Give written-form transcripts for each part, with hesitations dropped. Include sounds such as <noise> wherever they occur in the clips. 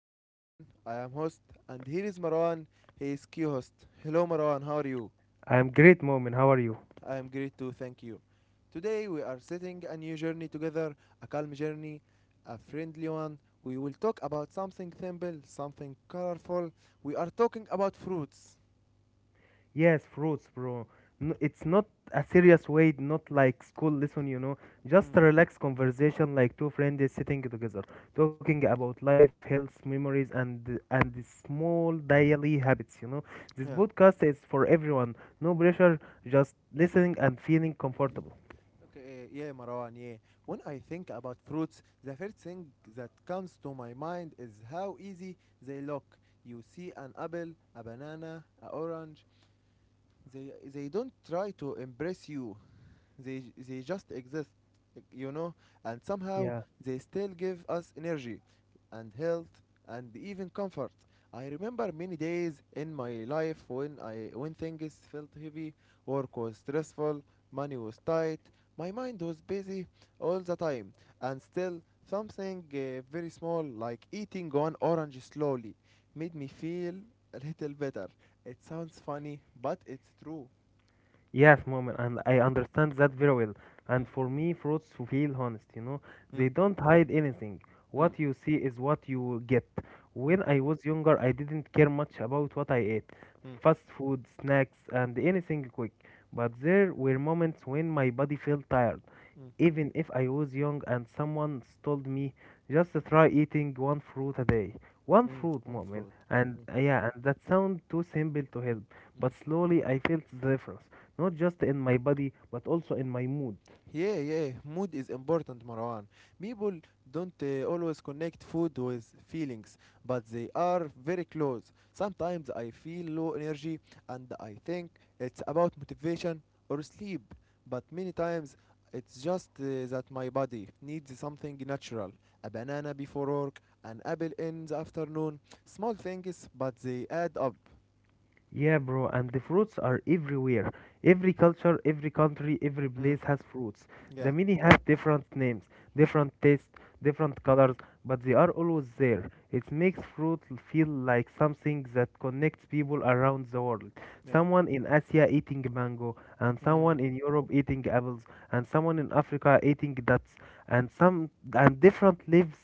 I am Mu'min, I am host, and here is Marwan, he is co-host. Hello Marwan, how are you? I'm great, Moment. How are you? I am great too, thank you. Today we are setting a new journey together, a calm journey, a friendly one. We will talk about something simple, something colorful. We are talking about fruits. Yes, fruits, bro. No, it's not a serious way, not like school lesson. Just Mm, a relaxed conversation, like two friends sitting together, talking about life, health, memories, and the small daily habits. This yeah. podcast is for everyone. No pressure, just listening and feeling comfortable. Okay, yeah, Marwan, yeah. When I think about fruits, the first thing that comes to my mind is how easy they look. You see an apple, a banana, an orange. They don't try to impress you. They just exist, you know, and somehow Yeah. they still give us energy and health and even comfort. I remember many days in my life when things felt heavy, work was stressful, money was tight, my mind was busy all the time, and still something very small like eating one orange slowly made me feel a little better. It sounds funny, but it's true. Yes, moment, and I understand that very well. Mm, And for me, fruits feel honest. mm, They don't hide anything. mm, What you see is what you get. mm, When I was younger, I didn't care much about what I ate mm. fast food, snacks, and anything quick. But there were moments when my body felt tired. Mm, Even if I was young and someone told me, just try eating one fruit a day. One mm, fruit, one moment. fruit. And Mm, yeah, and that sound too simple to help. mm. But slowly I felt the difference, not just in my body, but also in my mood. Yeah, yeah. Mood is important, Marwan. People don't always connect food with feelings, but they are very close. Sometimes I feel low energy and I think it's about motivation or sleep, but many times it's just that my body needs something natural. A banana before work, an apple in the afternoon. Small things, but they add up. Yeah, bro, and the fruits are everywhere. Every culture, every country, every Mm, place has fruits. yeah, The many have different names, different tastes, different colors, but they are always there. It makes fruit feel like something that connects people around the world. yeah. Someone in Asia eating mango, and someone Mm. in Europe eating apples, and someone in Africa eating dates, and different lives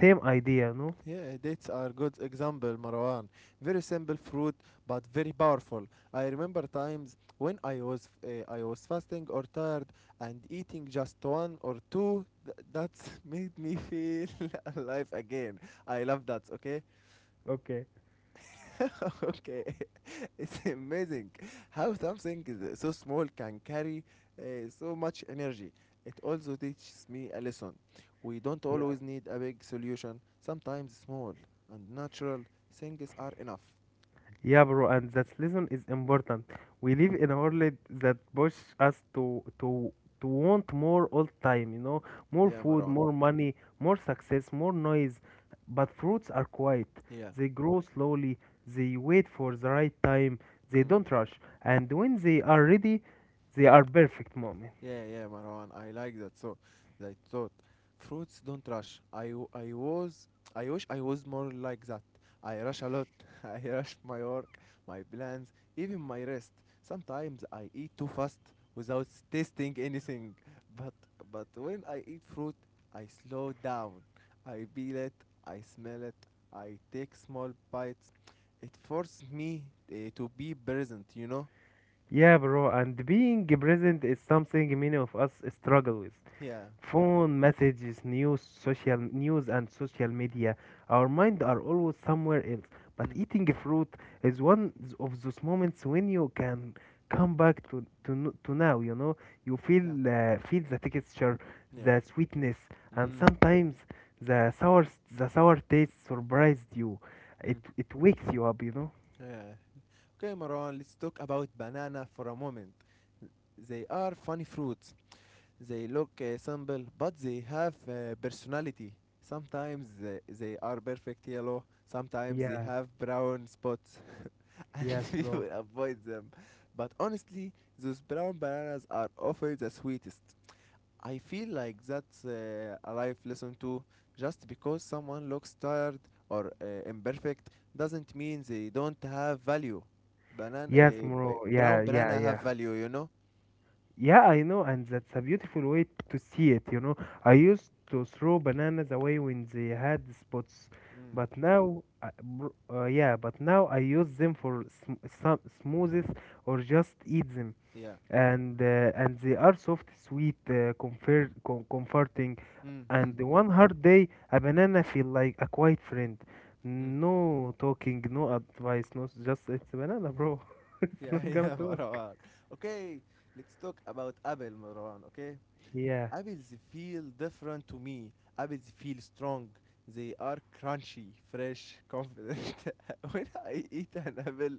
same idea, no? Yeah, dates are good example, Marwan. Very simple fruit, but very powerful. I remember times when I was fasting or tired and eating just one or two. That's <laughs> made me feel <laughs> alive again. I love that. Okay, Okay. <laughs> okay, <laughs> it's amazing how something is so small can carry so much energy. It also teaches me a lesson. We don't always need a big solution, sometimes small and natural things are enough. Yeah, bro, and that lesson is important. We live in a world that pushes us to want more all time, more Yeah, food, Maran. more money, more success, more noise. But fruits are quiet. Yeah. They grow slowly. They wait for the right time. They Mm. don't rush. And when they are ready, they are perfect moment. Yeah, yeah, Marwan. I like that. So, that thought, fruits don't rush. I wish I was more like that. I rush a lot. <laughs> I rush my work, my plans, even my rest. Sometimes I eat too fast without tasting anything. But, but when I eat fruit, I slow down. I peel it. I smell it. I take small bites. It forces me to be present. You know? Yeah, bro, and being present is something many of us struggle with. Yeah, yeah, Phone messages, news, social news, and social media, our mind are always somewhere else, but mm, eating fruit is one of those moments when you can come back to now. You feel yeah, the texture, yeah. the sweetness, and Mm. sometimes the sour the sour taste surprised you. it Mm. it wakes you up. Yeah. Okay, Maran, let's talk about banana for a moment. They are funny fruits. They look simple, but they have personality. Sometimes they are perfect yellow. Sometimes they Yeah. have brown spots, <laughs> and Yes, people bro. avoid them. But honestly, those brown bananas are often the sweetest. I feel like that's a life lesson too. Just because someone looks tired or imperfect doesn't mean they don't have value. Banana, Yes, bro. Yeah, brown yeah, banana have yeah. value, you know. Yeah, I know, and that's a beautiful way to see it. I used to throw bananas away when they had spots, Mm, but now I use them for sm some smoothies or just eat them, yeah. and they are soft, sweet, comforting. Mm, mm, And one hard day, a banana feel like a quiet friend. mm. No talking, no advice, no, just it's a banana, bro. <laughs> It's Yeah, not <laughs> gonna yeah, talk. Marwan. Okay, let's talk about Apple, Marwan. Okay. Yeah, Apples feel different to me. Apples feel strong. They are crunchy, fresh, confident. <laughs> When I eat an apple,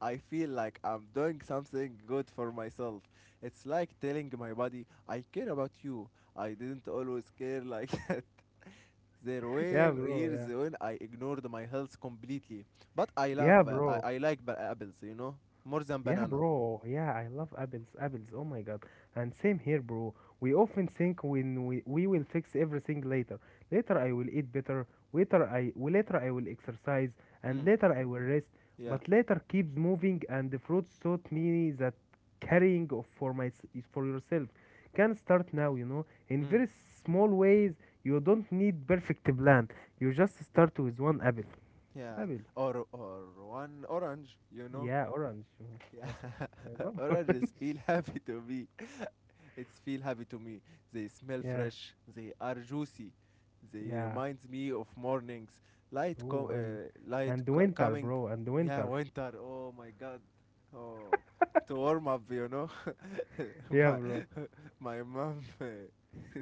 I feel like I'm doing something good for myself. It's like telling my body, I care about you. I didn't always care like <laughs> that. There yeah, were bro, years yeah. when I ignored my health completely. But Yeah, bro. I like apples, you know, more than Yeah, banana. bro. Yeah, I love apples. Apples. Oh my God. And same here, bro. We often think when we will fix everything later. Later I will eat better. Later I will exercise and Mm, later I will rest. yeah. But later keeps moving and the fruits taught me that carrying of for my is for yourself can start now, in Mm, very small ways. You don't need perfect plan. You just start with one apple. yeah. Apple. Or one orange, you know. Yeah, orange. Yes, Yeah, I <laughs> love <laughs> orange. oranges feel happy <laughs> to me. It's feel happy to me. They smell Yeah, fresh. They are juicy. They yeah. reminds me of mornings, light, Ooh, and light and the winter, coming. bro, and the Yeah, winter. winter. Oh my God. Oh, to warm up, you know. <laughs> Yeah, My <laughs> bro. my mom. <laughs>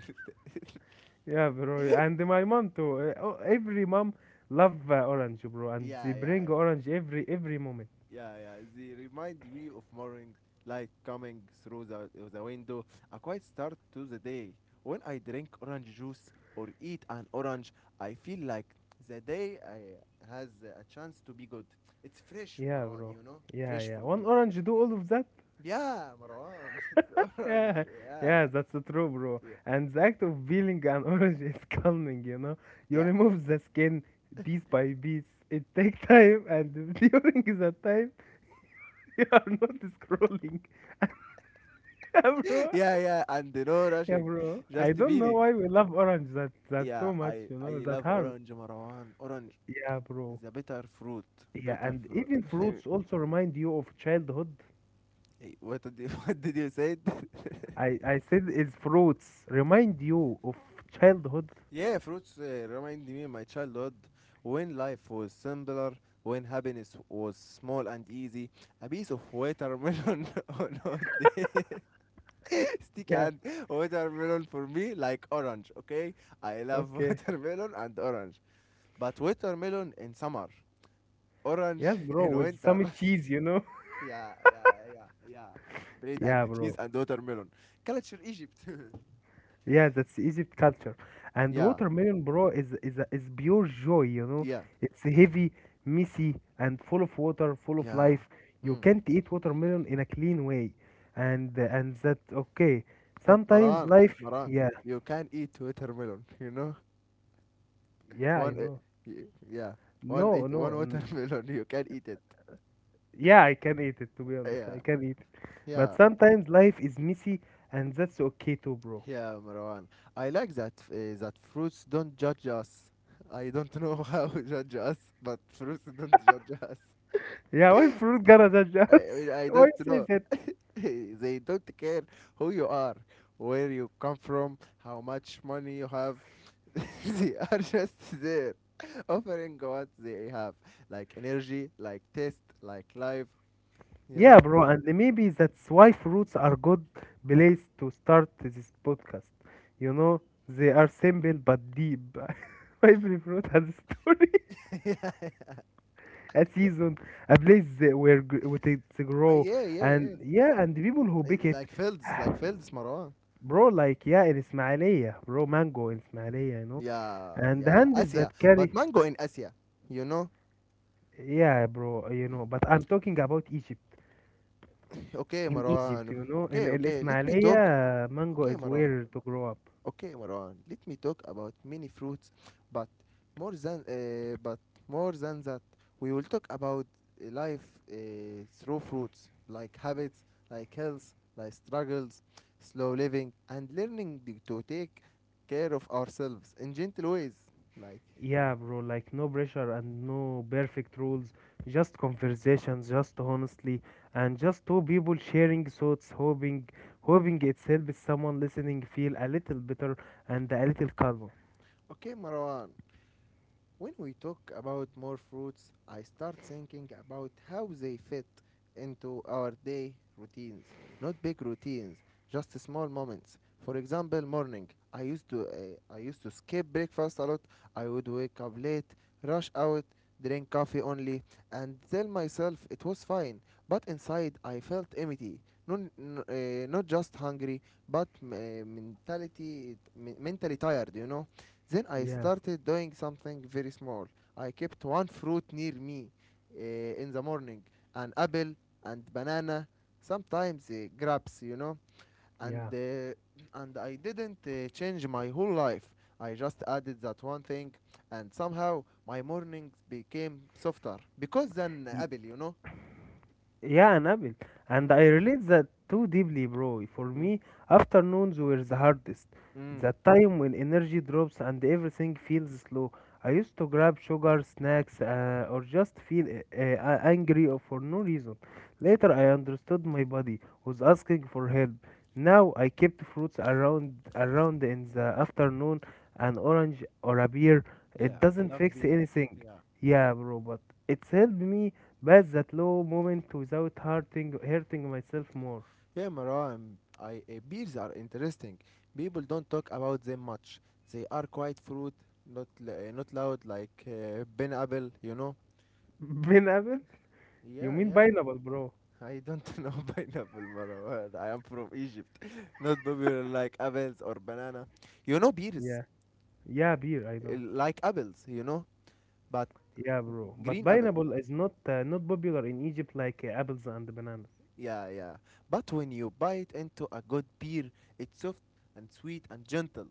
Yeah, bro. And my mom too. Oh, every mom love orange, bro, and they yeah, bring yeah. orange every moment. Yeah, yeah. They remind me of morning light coming through the window. A quiet start to the day. When I drink orange juice or eat an orange, I feel like the day I has a chance to be good. It's fresh, Yeah, Marwan, bro. you know? Yeah, Fresh yeah. for One me. orange do all of that. <laughs> Yeah, Marwan. <laughs> It's orange. Yeah, Yeah. yeah, that's the true, bro. Yeah. And the act of peeling an <laughs> orange is calming, you know. You Yeah. remove the skin piece by piece. It take time, and <laughs> during that time <laughs> you are not scrolling, <laughs> yeah, <laughs> bro. Yeah, yeah. And no Yeah, rushing. bro. I Just don't know beating. why we love orange that Yeah, too much. I, You know I that love hard. orange, Marwan. Orange Yeah, bro. is a better fruit. Yeah, Better and fruit. even fruits <laughs> also remind you of childhood. Eh, what did you, <laughs> what did you say? I said it's fruits remind you of childhood. <laughs> Yeah, fruits remind me my childhood when life was simpler, when happiness was small and easy. A piece of watermelon <laughs> on hot day. <laughs> Stick Yeah. and watermelon for me like orange, okay? I love <laughs> Okay. watermelon and orange. But watermelon in summer, orange Yes, <laughs> bro. in With winter. some cheese. <laughs> <laughs> Yeah, yeah, yeah, yeah. Bread Yeah, and cheese bro. and watermelon. Culture Egypt. Yeah, that's Egypt culture. <laughs> And Yeah, watermelon, bro, is pure joy. You know, yeah. it's heavy, messy, and full of water, full of Yeah. life. You Mm. can't eat watermelon in a clean way, and that okay. Sometimes life, But Maran, yeah, you can eat watermelon, <laughs> you know? yeah, I One, e- know. Yeah, one No, eat no, one watermelon, <laughs> you can eat it. yeah, I can eat it. To be honest, I Yeah, can eat it. But yeah, sometimes life is messy, and that's okay too, bro. yeah, Marwan. I like that that fruits don't judge us. I don't know <laughs> how judge us, but fruits don't judge us. Yeah, why fruit gonna judge us? <laughs> I Why don't say know. that? <laughs> They don't care who you are, where you come from, how much money you have. <laughs> They are just there, <laughs> offering what they have, like energy, like taste, like life. You Yeah, know? bro, and maybe that's why fruits are good place to start this podcast. You know, they are simple but deep. <laughs> Every fruit has a story, <laughs> Yeah, <laughs> a yeah. season, a place that where with it to grow, Yeah, yeah, and yeah. yeah, and the people who pick it, like fields, Marwan. bro, like yeah, in Ismailia, bro, mango in Ismailia, Yeah, and the yeah. hands Asia, that but carry, mango in Asia. You know? yeah, bro, but I'm talking about Egypt. Okay, In Egypt, Marwan. you know, in Okay, El okay. Let me talk. Ismailia, mango Okay, is Marwan. where to grow up. Okay, Marwan, let me talk about many fruits, but more than uh, but more than that, we will talk about life through fruits, like habits, like health, like struggles, slow living, and learning to take care of ourselves in gentle ways. Like, Yeah, bro, like no pressure and no perfect rules, just conversations, just honestly, and just two people sharing thoughts, hoping it helps someone listening feel a little better and a little calmer. okay, Marwan, when we talk about more fruits, I start thinking about how they fit into our day routines. Not big routines, just small moments. For example, morning. I used to skip breakfast a lot. I would wake up late, rush out, drink coffee only, and tell myself it was fine. But inside, I felt empty. Not, Not just hungry, but m- mentality mentally tired. You know. Then I Yeah, started doing something very small. I kept one fruit near me in the morning an apple and banana, sometimes grapes, you know. And, yeah. uh, and I didn't change my whole life. I just added that one thing, and somehow my mornings became softer because then apple, you know. Yeah, Nabil. And Mm, I relate that too deeply, bro. For mm, me, afternoons were the hardest. The mm. time when energy drops and everything feels slow. I used to grab sugar, snacks, or just feel angry or for no reason. Later, I understood my body was asking for help. Now I kept fruits around in the afternoon, an orange or a beer. It doesn't fix Beer, anything. yeah. Yeah, bro, but it's helped me pass that low moment without hurting myself more. Yeah, Maran, beers are interesting. People don't talk about them much. They are quite fruit, not loud like pineapple, you know. <laughs> Pineapple? You Yeah, mean yeah. pineapple, bro? I don't <laughs> know pineapple, Marwan. I am from Egypt. <laughs> Not popular like apples or banana. You know beers, Yeah. Yeah, beer, I know. like apples, you know, but Yeah, bro. But green apple. pineapple is not popular in Egypt like apples and bananas. Yeah, yeah. But when you bite into a good beer, it's soft and sweet and gentle.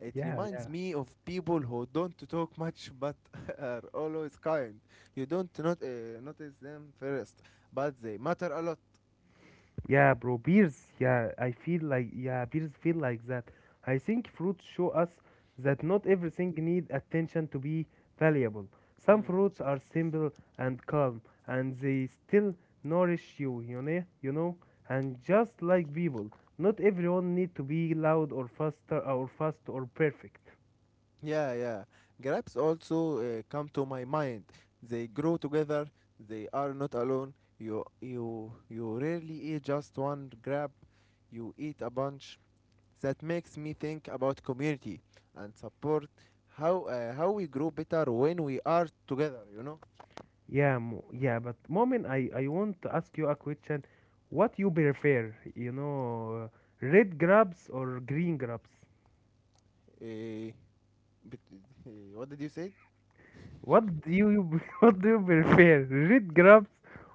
It Yeah, reminds yeah. me of people who don't talk much but <laughs> are always kind. You don't not, notice them first, but they matter a lot. Yeah, bro, beers. Yeah, I feel like yeah, beers feel like that. I think fruits show us that not everything need attention to be valuable. Some Mm. fruits are simple and calm, and they still nourish you. And just like people, not everyone need to be loud or fast or perfect. Yeah, yeah. Grapes also come to my mind. They grow together. They are not alone. You rarely eat just one grape. You eat a bunch. That makes me think about community and support. How we grow better when we are together. You know. Yeah, but moment, I want to ask you a question. What you prefer? Red grapes or green grapes? Eh, but, what did you say? What do you <laughs> what do you prefer, red grapes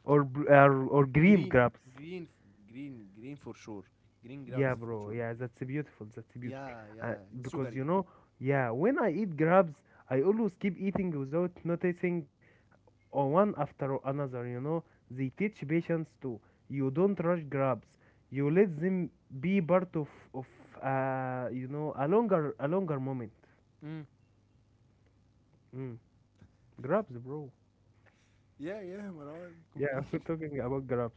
or green Green, grapes? Green, for sure. Green Yeah, grabs for bro. sure. Yeah, that's beautiful. That's beautiful. Yeah, Uh, yeah, it's because sugary. you know, yeah, when I eat grapes, I always keep eating without noticing, or one after another. You know, they teach patience too. You don't rush grabs. You let them be part of a longer moment. Mm. Mm. Grabs, bro. Yeah, yeah, Marwan, Yeah, <laughs> complete. we're <laughs> talking about grapes.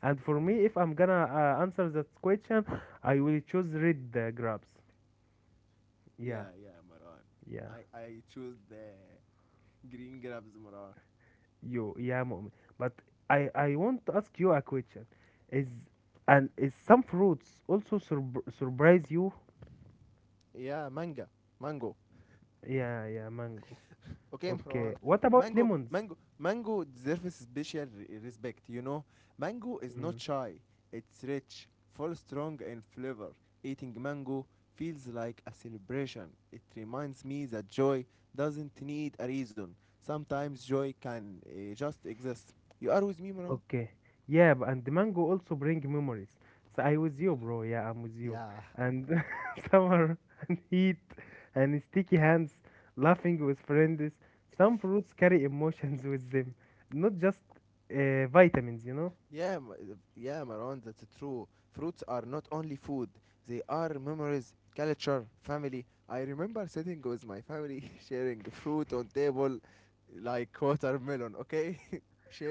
And for me, if I'm gonna answer that question, I will choose red grapes. Yeah, Yeah, yeah, Marwan. yeah, I choose the green grabs, Marwan. you, yeah, Mu'min. But I want to ask you a question. Is is some fruits also surprise you? Yeah, mango. Yeah, yeah, mango. Okay, <laughs> Okay. Imran. What about lemons? Mango deserves special respect. You know, mango is Hmm. not shy. It's rich, full, strong, and flavor. Eating mango feels like a celebration. It reminds me that joy doesn't need a reason. Sometimes joy can just exist. You are with me, Imran? Okay. Yeah, and the mango also bring memories. So I with you, bro. Yeah, I'm with you. Yeah, And <laughs> summer and heat and sticky hands, laughing with friends. Some fruits carry emotions <laughs> with them, not just vitamins, you know? yeah, yeah, Marwan, that's true. Fruits are not only food, they are memories, culture, family. I remember sitting with my family, <laughs> sharing fruit on table, like watermelon, okay? <laughs>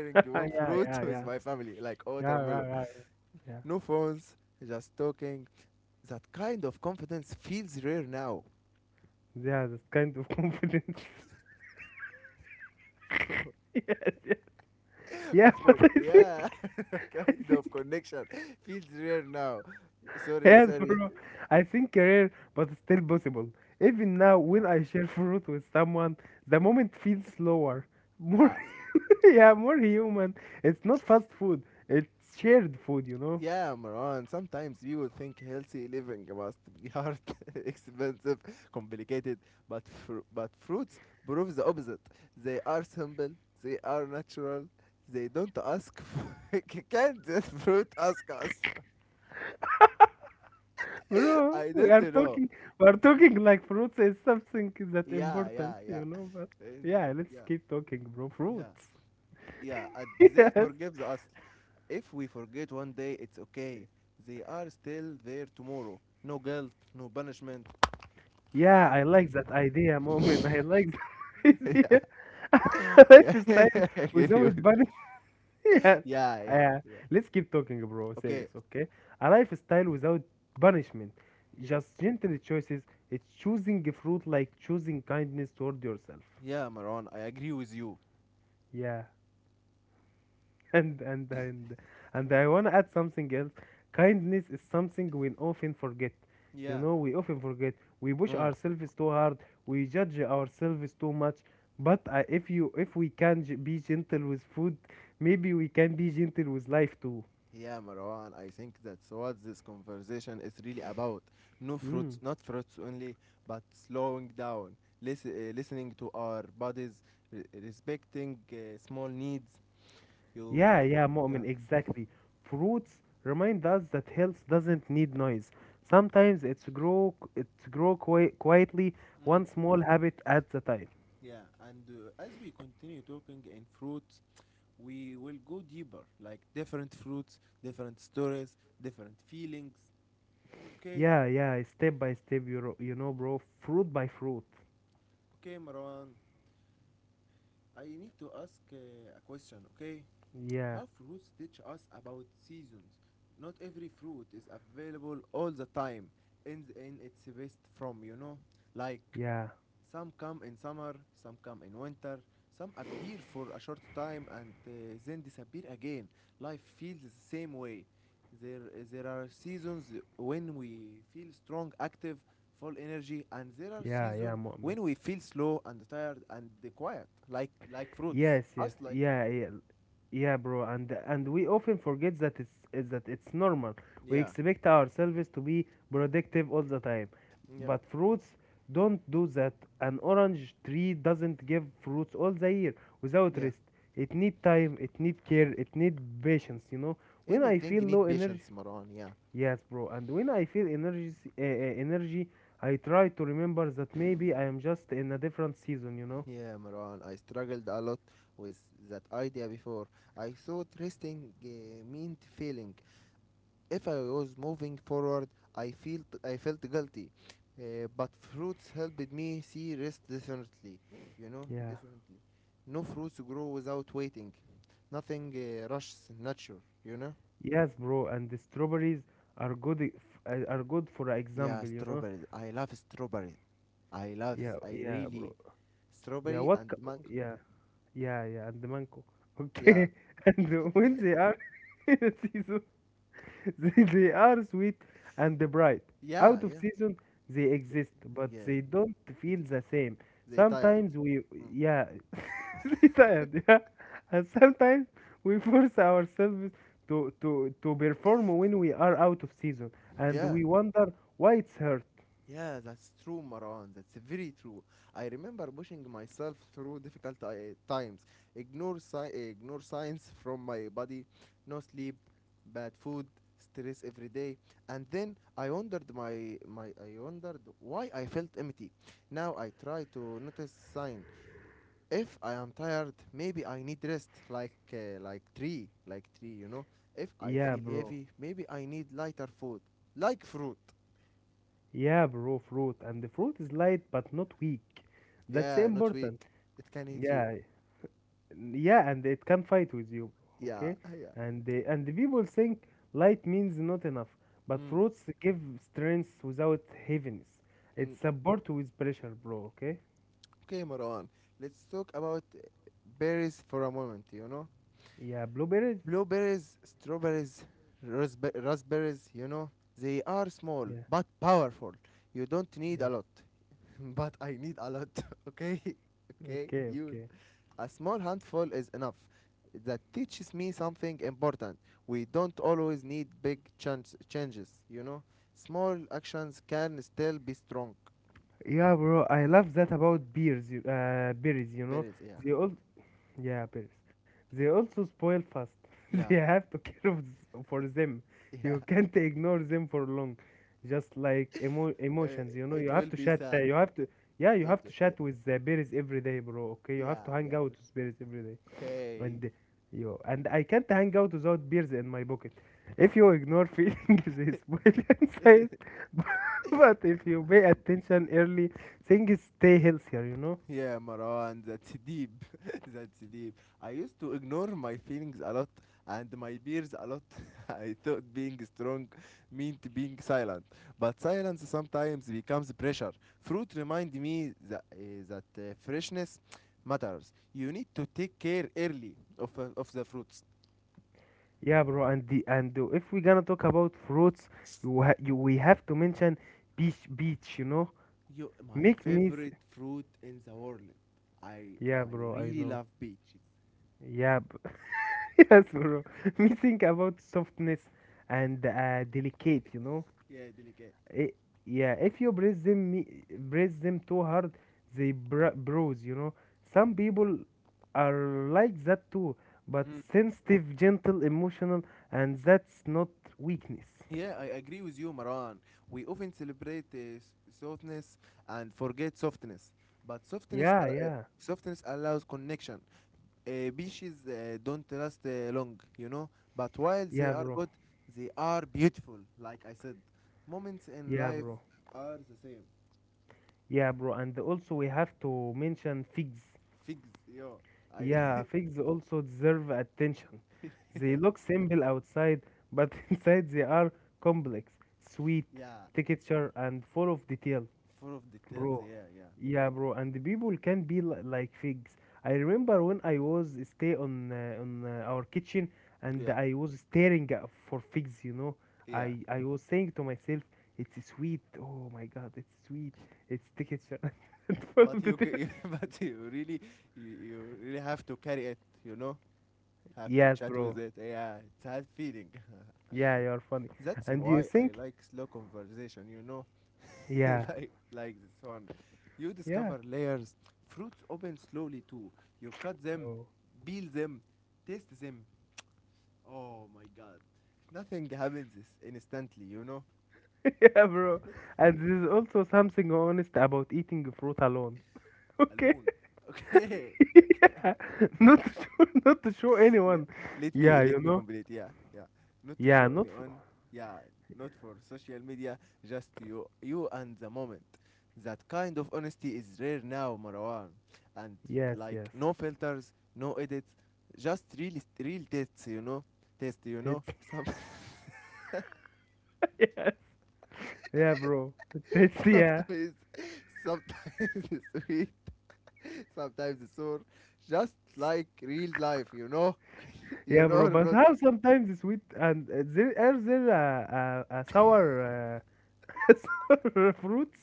<laughs> Yeah, one yeah, fruit <laughs> yeah. with my family, like Yeah, yeah, watermelon. right. Yeah. No phones, just talking. That kind of confidence feels rare now. Yeah, that kind of confidence. <laughs> Yes, yes. <laughs> Yeah, Of <laughs> but course, I yeah, think, <laughs> <laughs> I kind of think connection <laughs> feels rare now. Sorry, yes, <laughs> sorry. bro. I think rare, but still possible. Even now, Yeah, when I share fruit with someone, the moment feels slower, more yeah. <laughs> yeah, more human. It's not fast food. It's shared food. Yeah, Maran, sometimes we would think healthy living must be hard, <laughs> expensive, complicated, but but fruits prove the opposite. They are simple, they are natural, they don't ask for <laughs> Can't this fruit ask us? <laughs> <laughs> Bro, I we don't are know. talking, we are talking like fruits is something that Yeah, important, yeah, yeah. you know. But And yeah, let's yeah, keep talking, bro. yeah, Fruits. yeah. And <laughs> they Yes. forgive us. If we forget one day, it's okay. They are still there tomorrow. No guilt, no punishment. Yeah, I I like that idea, <laughs> moment. I like <laughs> <laughs> that yeah. idea. <laughs> Yeah, <laughs> Lifestyle I get without you. <laughs> yes. Yeah, yeah, Uh, yeah. let's keep talking, bro. Serious, Okay. okay? A lifestyle without punishment. Yeah. Just gentle choices. It's choosing fruit like choosing kindness toward yourself. Yeah, Marwan, I agree with you. Yeah. <laughs> And and and and I wanna add something else. Kindness is something we often forget. You Yeah. know, we often forget. We push Mm. ourselves too hard. We judge ourselves too much. But if we can be gentle with food, maybe we can be gentle with life too. Yeah, Marwan, I think that's what this conversation is really about. No Hmm. fruits, not fruits only, but slowing down, listening to our bodies, respecting small needs. You, Yeah, yeah, yeah. Mu'min, exactly. Fruits remind us that health doesn't need noise. Sometimes it's grow quietly, Mm, one small habit at the time. yeah, and as we continue talking in fruits, we will go deeper, like different fruits, different stories, different feelings. Okay. Yeah, yeah, step by step, you know, bro, fruit by fruit. Okay, Marwan. I need to ask a question. Okay, Yeah, how fruits teach us about seasons? Not every fruit is available all the time in its best form. You know, like yeah, some come in summer, some come in winter, some appear for a short time and then disappear again. Life feels the same way. There, there are seasons when we feel strong, active, full energy, and there are yeah, yeah, seasons Mu'min. when we feel slow and tired and quiet, like fruits. Yes, yes, Us like yeah, fruits. yeah, yeah, bro. And we often forget that it's is that it's normal. We Yeah, expect ourselves to be productive all the time, yeah, but fruits don't do that. An orange tree doesn't give fruits all the year without yeah. rest. It need time. It need care. It need patience. You know. When I Anything feel you low need energy, patience, Maran. Yeah. yes, bro. And when I feel energy, energy, I try to remember that maybe I am just in a different season. Yeah, Marwan, I struggled a lot with that idea before. I thought resting meant failing. If I was moving forward, I felt guilty. But fruits helped me see rest differently. You know, Yeah. differently. No fruits grow without waiting. Nothing rushes nature. You know. Yes, bro, and the strawberries are good for Yeah, example. strawberries. I love strawberries. I love. Yeah, I yeah, really bro. Yeah, strawberry what? and mango. Yeah, yeah, yeah, and the mango. Yeah, Okay, <laughs> and when they are <laughs> in season, they are sweet and bright. yeah, Out of yeah, season, they exist, but yeah. they don't But feel the same. they tired. Sometimes we, Mm. yeah, <laughs> retired, yeah. And sometimes we force ourselves to perform when we are out of season, and Yeah, we wonder why it's hurt. yeah, that's true, Maran. That's very true. I remember pushing myself through difficult times. Ignore, ignore signs from my body, no sleep, bad food, stress every day. And then I wondered why I felt empty. Now I try to notice sign. If I am tired, maybe I need rest, like tree, you know. If I Yeah, feel bro. heavy, maybe I need lighter food, like fruit. Yeah, bro, fruit. And the fruit is light but not weak. That's Yeah, not important. weak. It can hit you. Yeah. Yeah, and it can fight with you, bro. Yeah, Okay? <laughs> yeah. And the people think light means not enough, but Mm, fruits give strength without heaviness. mm. It's support with pressure, bro, okay? Okay, Marwan, let's talk about berries for a moment, you know? Yeah, blueberries? Blueberries, strawberries, raspberries, you know, they are small Yeah. but powerful. You don't need a Yeah. lot, <laughs> but I need a lot, <laughs> okay? <laughs> Okay, Okay, you. okay. A small handful is enough. That teaches me something important. We don't always need big changes, you know? Small actions can still be strong. Yeah, bro, I love that about berries. Berries, yeah. They all, yeah, berries. They also spoil fast. <laughs> They Yeah. have to care of for them. <laughs> Yeah. You can't ignore them for long. Just like Uh, emotions, you know. it You have will to be chat. Sad. Yeah, you It, have to chat with the berries every day, bro. Okay, you have yeah, to hang yeah. out with berries every day. Okay. And you and I can't hang out without beers in my pocket. If you ignore feelings, <laughs> they spoil inside. <laughs> But if you pay attention early, things stay healthier, you know. Yeah, Marwan, that's deep. <laughs> That's deep. I used to ignore my feelings a lot and my fears a lot. <laughs> I thought being strong meant being silent, but silence sometimes becomes pressure. Fruit remind me that freshness matters. You need to take care early of the fruits. Yeah, bro. If we're gonna talk about fruits, you ha- you we have to mention beach, you know. You, my Make me s- favorite fruit in the world. I yeah, I bro. I really know. love peaches. Yeah, <laughs> yes, bro. <laughs> Me think about softness and delicate, you know. Yeah, delicate. I Yeah, if you press them, press them too hard, they bruise. You know, some people are like that too, but sensitive, gentle, emotional, and that's not weakness. Yeah, I agree with you, Maran. We often celebrate softness and forget softness, but Yeah, yeah, softness allows connection. Beaches don't last long, you know, but while they yeah, are bro. good, they are beautiful. Like I said, moments in Yeah, life bro. are the same. Yeah, bro. And also, we have to mention figs. Figs, yo, Yeah, I, figs also deserve attention. They look simple outside, but <laughs> inside they are complex, sweet, <laughs> yeah, texture, and full of detail. full of details. Bro, Yeah, yeah, yeah, bro, and the people can be li like figs. I remember when I was stay on our kitchen, and yeah, I was staring at for figs, you know. yeah. I was saying to myself, it's sweet. Oh my God, it's sweet. It's texture <laughs> and full of But you, details. <laughs> but you really, you really have to carry it, you know. Have to Yes, chat bro. with it. Yeah, it's hard feeling. Yeah, you're funny. <laughs> That's And do you why I think, like slow conversation, you know? yeah, <laughs> Like this one. You yeah, discover layers. Fruits open slowly too. You cut them, bro. peel them, taste them. Oh my god. Nothing happens instantly, you know? <laughs> Yeah, bro. And there's also something honest about eating fruit alone. <laughs> Okay. Alone. <laughs> Okay. <laughs> <laughs> Yeah, Okay. not to show, <laughs> not to show Yeah. anyone. Let Yeah, me you let me know. complete. Yeah, yeah. Not to Yeah, show not. For, anyone. Yeah, not for social media. Just you, you and the moment. That kind of honesty is rare now, Marwan. And yes, like yes. no filters, no edits, just real tests. You know, test. You know, It's some <laughs> <laughs> yes. Yeah, bro. It's <laughs> yeah, sometimes sometimes <laughs> sweet, sometimes sore. Just like real life. You know, <laughs> you yeah, know bro. or But not. how sometimes it's sweet and there are there sour uh, <laughs> sour fruits?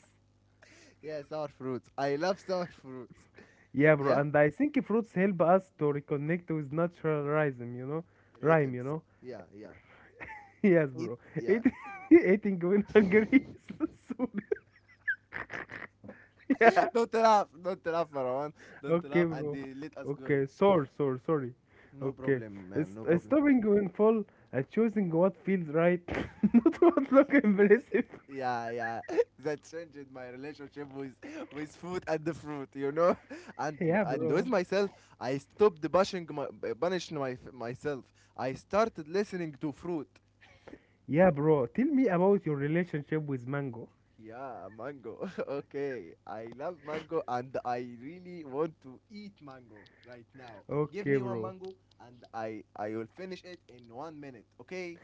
Yeah, sour fruits. I love sour fruits. <laughs> Yeah, bro. Yeah? And I think fruits help us to reconnect with natural rhythm. You know, rhyme. Gratims. <laughs> Yeah, yeah. Yes, Eat, bro. yeah. Eat, <laughs> eating when hungry is <laughs> Yeah. <laughs> Don't laugh. Don't laugh, Marwan. Don't Okay, laugh and bro. they let us going. Okay, sorry, sorry, sorry. No Okay, problem, it's, man. No it's problem. stopping going full and choosing what feels right, <laughs> not what look impressive. Yeah, yeah. <laughs> That changed my relationship with food and the fruit, you know? <laughs> And Yeah, and with bro. myself, I stopped bashing my, punishing my, myself. I started listening to fruit. Yeah, bro. Tell me about your relationship with Mango. Yeah, mango. <laughs> Okay, I love mango and I really want to eat mango right now. Give Okay, me one bro. mango and I will finish it in 1 minute. Okay,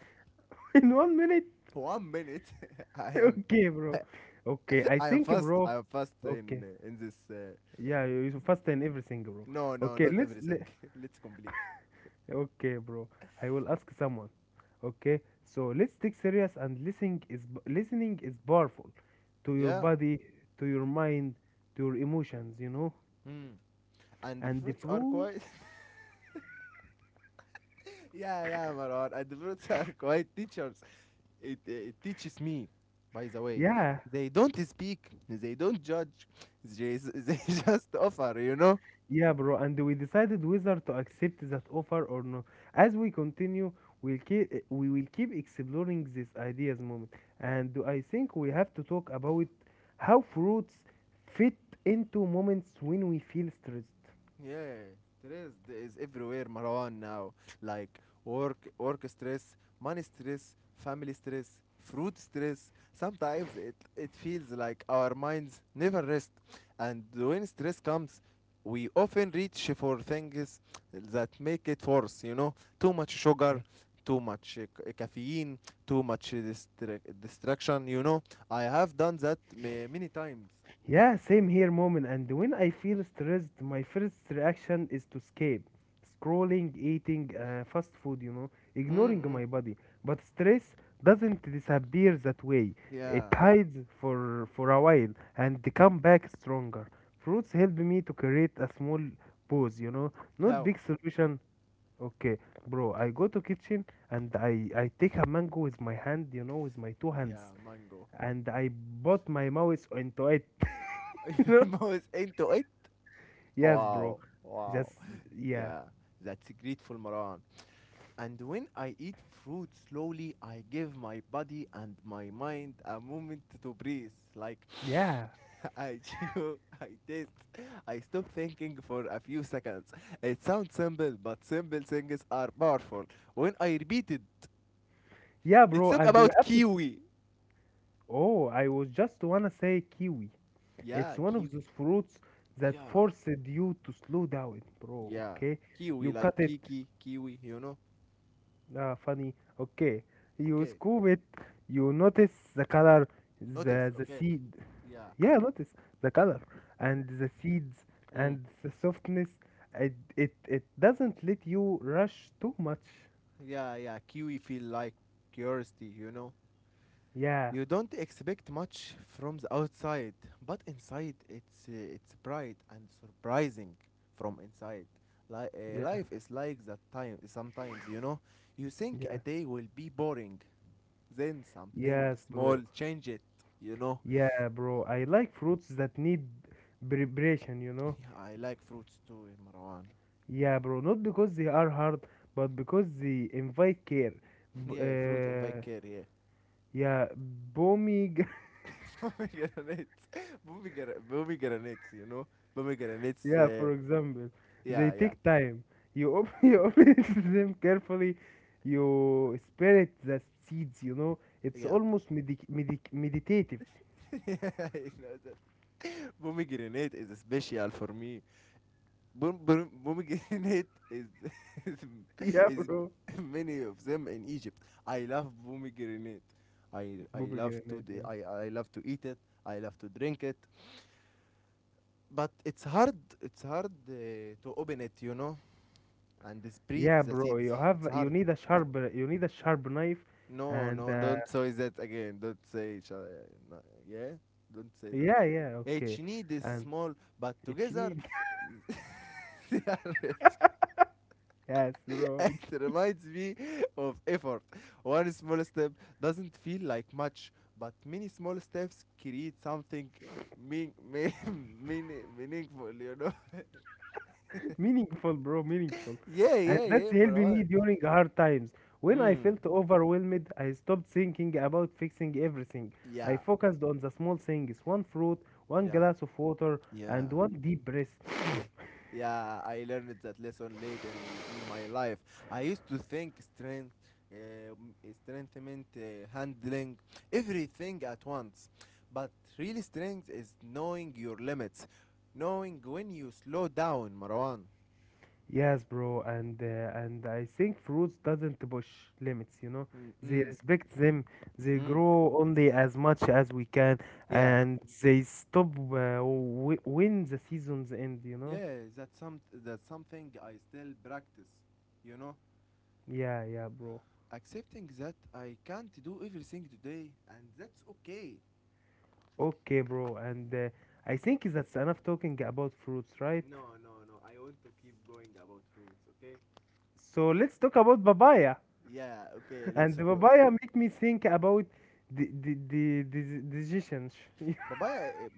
<laughs> In 1 minute. 1 minute. <laughs> <laughs> I am Okay, bro. Okay, I <laughs> I am think, fast. bro. I am fast Okay. In this. Uh, Yeah, you fast and everything, bro. no, no, Okay, not everything. <laughs> Let's complete. Okay, bro. I will ask someone. Okay, so let's take serious, and listening is powerful to your Yeah. body, to your mind, to your emotions, you know. Hmm. And the And fruits are through, quite. <laughs> Yeah, yeah, Marwan. And the fruits are quite teachers. It teaches me, by the way. yeah, They don't speak, they don't judge, they, <laughs> they just offer, you know? yeah, bro. And we decided whether to accept that offer or not. As we continue, we will keep exploring these ideas moment. And I think we have to talk about how fruits fit into moments when we feel stressed. Yeah, stress is everywhere, Marwan, now. Like work stress, money stress, family stress, fruit stress. Sometimes it feels like our minds never rest. And when stress comes, we often reach for things that make it worse, you know? Too much sugar, too much caffeine, too much distraction, you know? I have done that many times. Yeah, same here, moment. And when I feel stressed, my first reaction is to escape. Scrolling, eating fast food, ignoring Mm-mm. my body. But stress doesn't disappear that way. It Yeah. hides for a while, and they come back stronger. Fruits help me to create a small pause, not How? big solution. Okay, bro, I go to kitchen, and I take a mango with my hand, you know, with my two Yeah, hands, mango. and I put my mouth into it, <laughs> you <laughs> know. Your mouse into it? Yes, bro. Wow, Just wow. <laughs> yeah. Yeah, that's grateful, Maran. And when I eat fruit slowly, I give my body and my mind a moment to breathe. Like Yeah. <laughs> I chew, I taste, I stop thinking for a few seconds. It sounds simple, but simple things are powerful. When I repeat it, Yeah, let's bro, talk and we about have to kiwi. Oh, I was just wanna say kiwi. It's Yeah, one of those kiwi. fruits that Yeah, forced you to slow down, bro, yeah. okay? You Kiwi, like cut it. Kiki, kiwi, you know? Ah, funny. Okay. You Okay, scoop it. You notice the color, notice, the okay. seed. Yeah, Yeah, notice the color and the seeds mm. and the softness. It doesn't let you rush too much. Yeah, yeah. Kiwi feel like curiosity, you know. Yeah. You don't expect much from the outside, but inside it's bright and surprising from inside. Like Yeah. life is like that time sometimes, you know. You think a Yeah. day will be boring, then something Yes, small bro. change it, you know. Yeah, bro. I like fruits that need preparation, you know? <laughs> Yeah, I like fruits too, eh, Marwan. Yeah, bro. Not because they are hard, but because they invite care. <laughs> B Yeah, fruit and care, yeah. Yeah, bombing. <laughs> <laughs> Pomegranates, <laughs> pomegranates, you know, pomegranates. Yeah, for example, they Yeah, yeah, take time. Yeah, <laughs> You open them carefully. You spirit the seeds, you know? It's yeah. almost medic medic meditative. <laughs> <laughs> You know that pomegranate is special for me. Pomegranate is <laughs> Yeah, is is bro. many of them in Egypt. I love pomegranate. I I love to Pomegranate, the, yeah. I I love to eat it. I love to drink it. But it's hard. It's hard to open it, you know, and spread Yeah, the bro, seeds. It's you hard. need a sharp knife No, and no, don't say that again. Don't say each other. No, yeah? Don't say that. yeah, yeah, Each okay. need is And small, but it's together need <laughs> they are rich. <laughs> yes, <laughs> bro. It reminds me of effort. One small step doesn't feel like much, but many small steps create something mean, mean, <laughs> meaningful, you know? <laughs> It's meaningful, bro, meaningful. Yeah, And yeah, that's yeah, helping me bro. during hard times. When I Mm. felt overwhelmed, I stopped thinking about fixing everything. I Yeah, focused on the small things, one fruit, one yeah, glass of water, yeah. and one deep breath. Yeah. Yeah, I learned that lesson late in my life. I used to think strengthening, handling everything at once. But real strength is knowing your limits, knowing when you slow down, Marwan. Yes, bro, and and I think fruits doesn't push limits, you know. Mm, They mm, respect them. They mm. grow only as much as we can, Yeah, and they stop w when the seasons end, you know. yeah, that's, some, that's something I still practice, you know? Yeah, yeah, bro. Accepting that I can't do everything today, and that's okay. Okay, bro, and I think that's enough talking about fruits, right? No, no, no. I want to keep going about fruits, okay? So let's talk about papaya. Yeah, okay, <laughs> And let's the go. papaya make me think about the decisions. <laughs> Papaya, eh,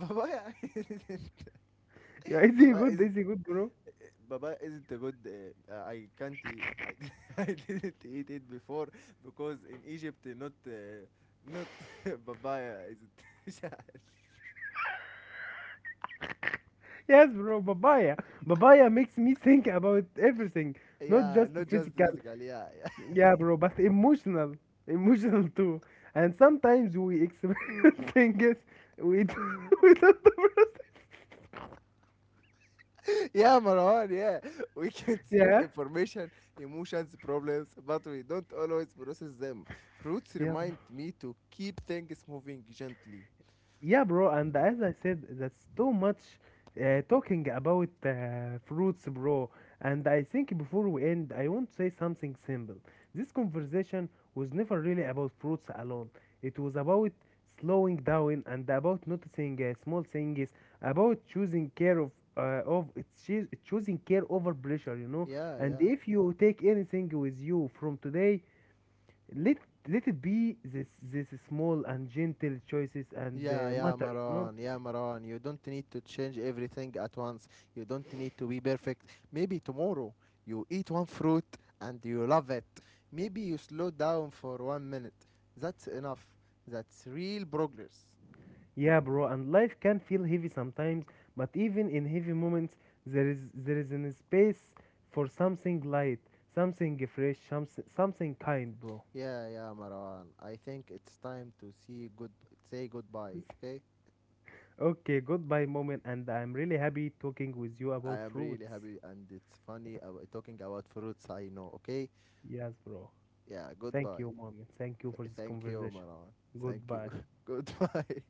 papaya <laughs> isn't, Yeah, is he papaya good? Is isn't, he good, bro? eh, papaya isn't a good. I can't. I, <laughs> I didn't eat it before because in Egypt, eh, not, not <laughs> papaya isn't. Yes, bro, papaya. Papaya makes me think about everything, <laughs> not Yeah, just not just physical. physically. Yeah, yeah. Yeah, bro, but emotional. Emotional too. And sometimes we experience <laughs> things we don't, <laughs> we don't process. Yeah, Marwan, yeah. We consume <laughs> Yeah, information, emotions, problems, but we don't always process them. Fruits yeah, remind me to keep things moving gently. yeah, bro. And as I said, that's too much talking about fruits, bro. And I think before we end, I want to say something simple. This conversation was never really about fruits alone. It was about slowing down, and about noticing small things, about choosing care of it's choo- choosing care over pressure, you know. Yeah, And yeah. if you take anything with you from today, let let it be this small and gentle choices, and Yeah, yeah, matter, you know. Maran. Yeah, Maran. You don't need to change everything at once. You don't need to be perfect. Maybe tomorrow you eat one fruit and you love it. Maybe you slow down for 1 minute. That's enough. That's real progress. Yeah, bro, and life can feel heavy sometimes, but even in heavy moments there is an space for something light, something fresh, something kind, bro. Yeah, yeah, Marwan. I think it's time to see good say goodbye, <laughs> okay? Okay, goodbye, moment, and I'm really happy talking with you I about am really fruits. happy and it's funny about talking about fruits I know, okay? Yes, bro. Yeah, Thank goodbye. you, moment, thank you for this Thank you, conversation. Marwan. Thank you. Goodbye. <laughs> Goodbye.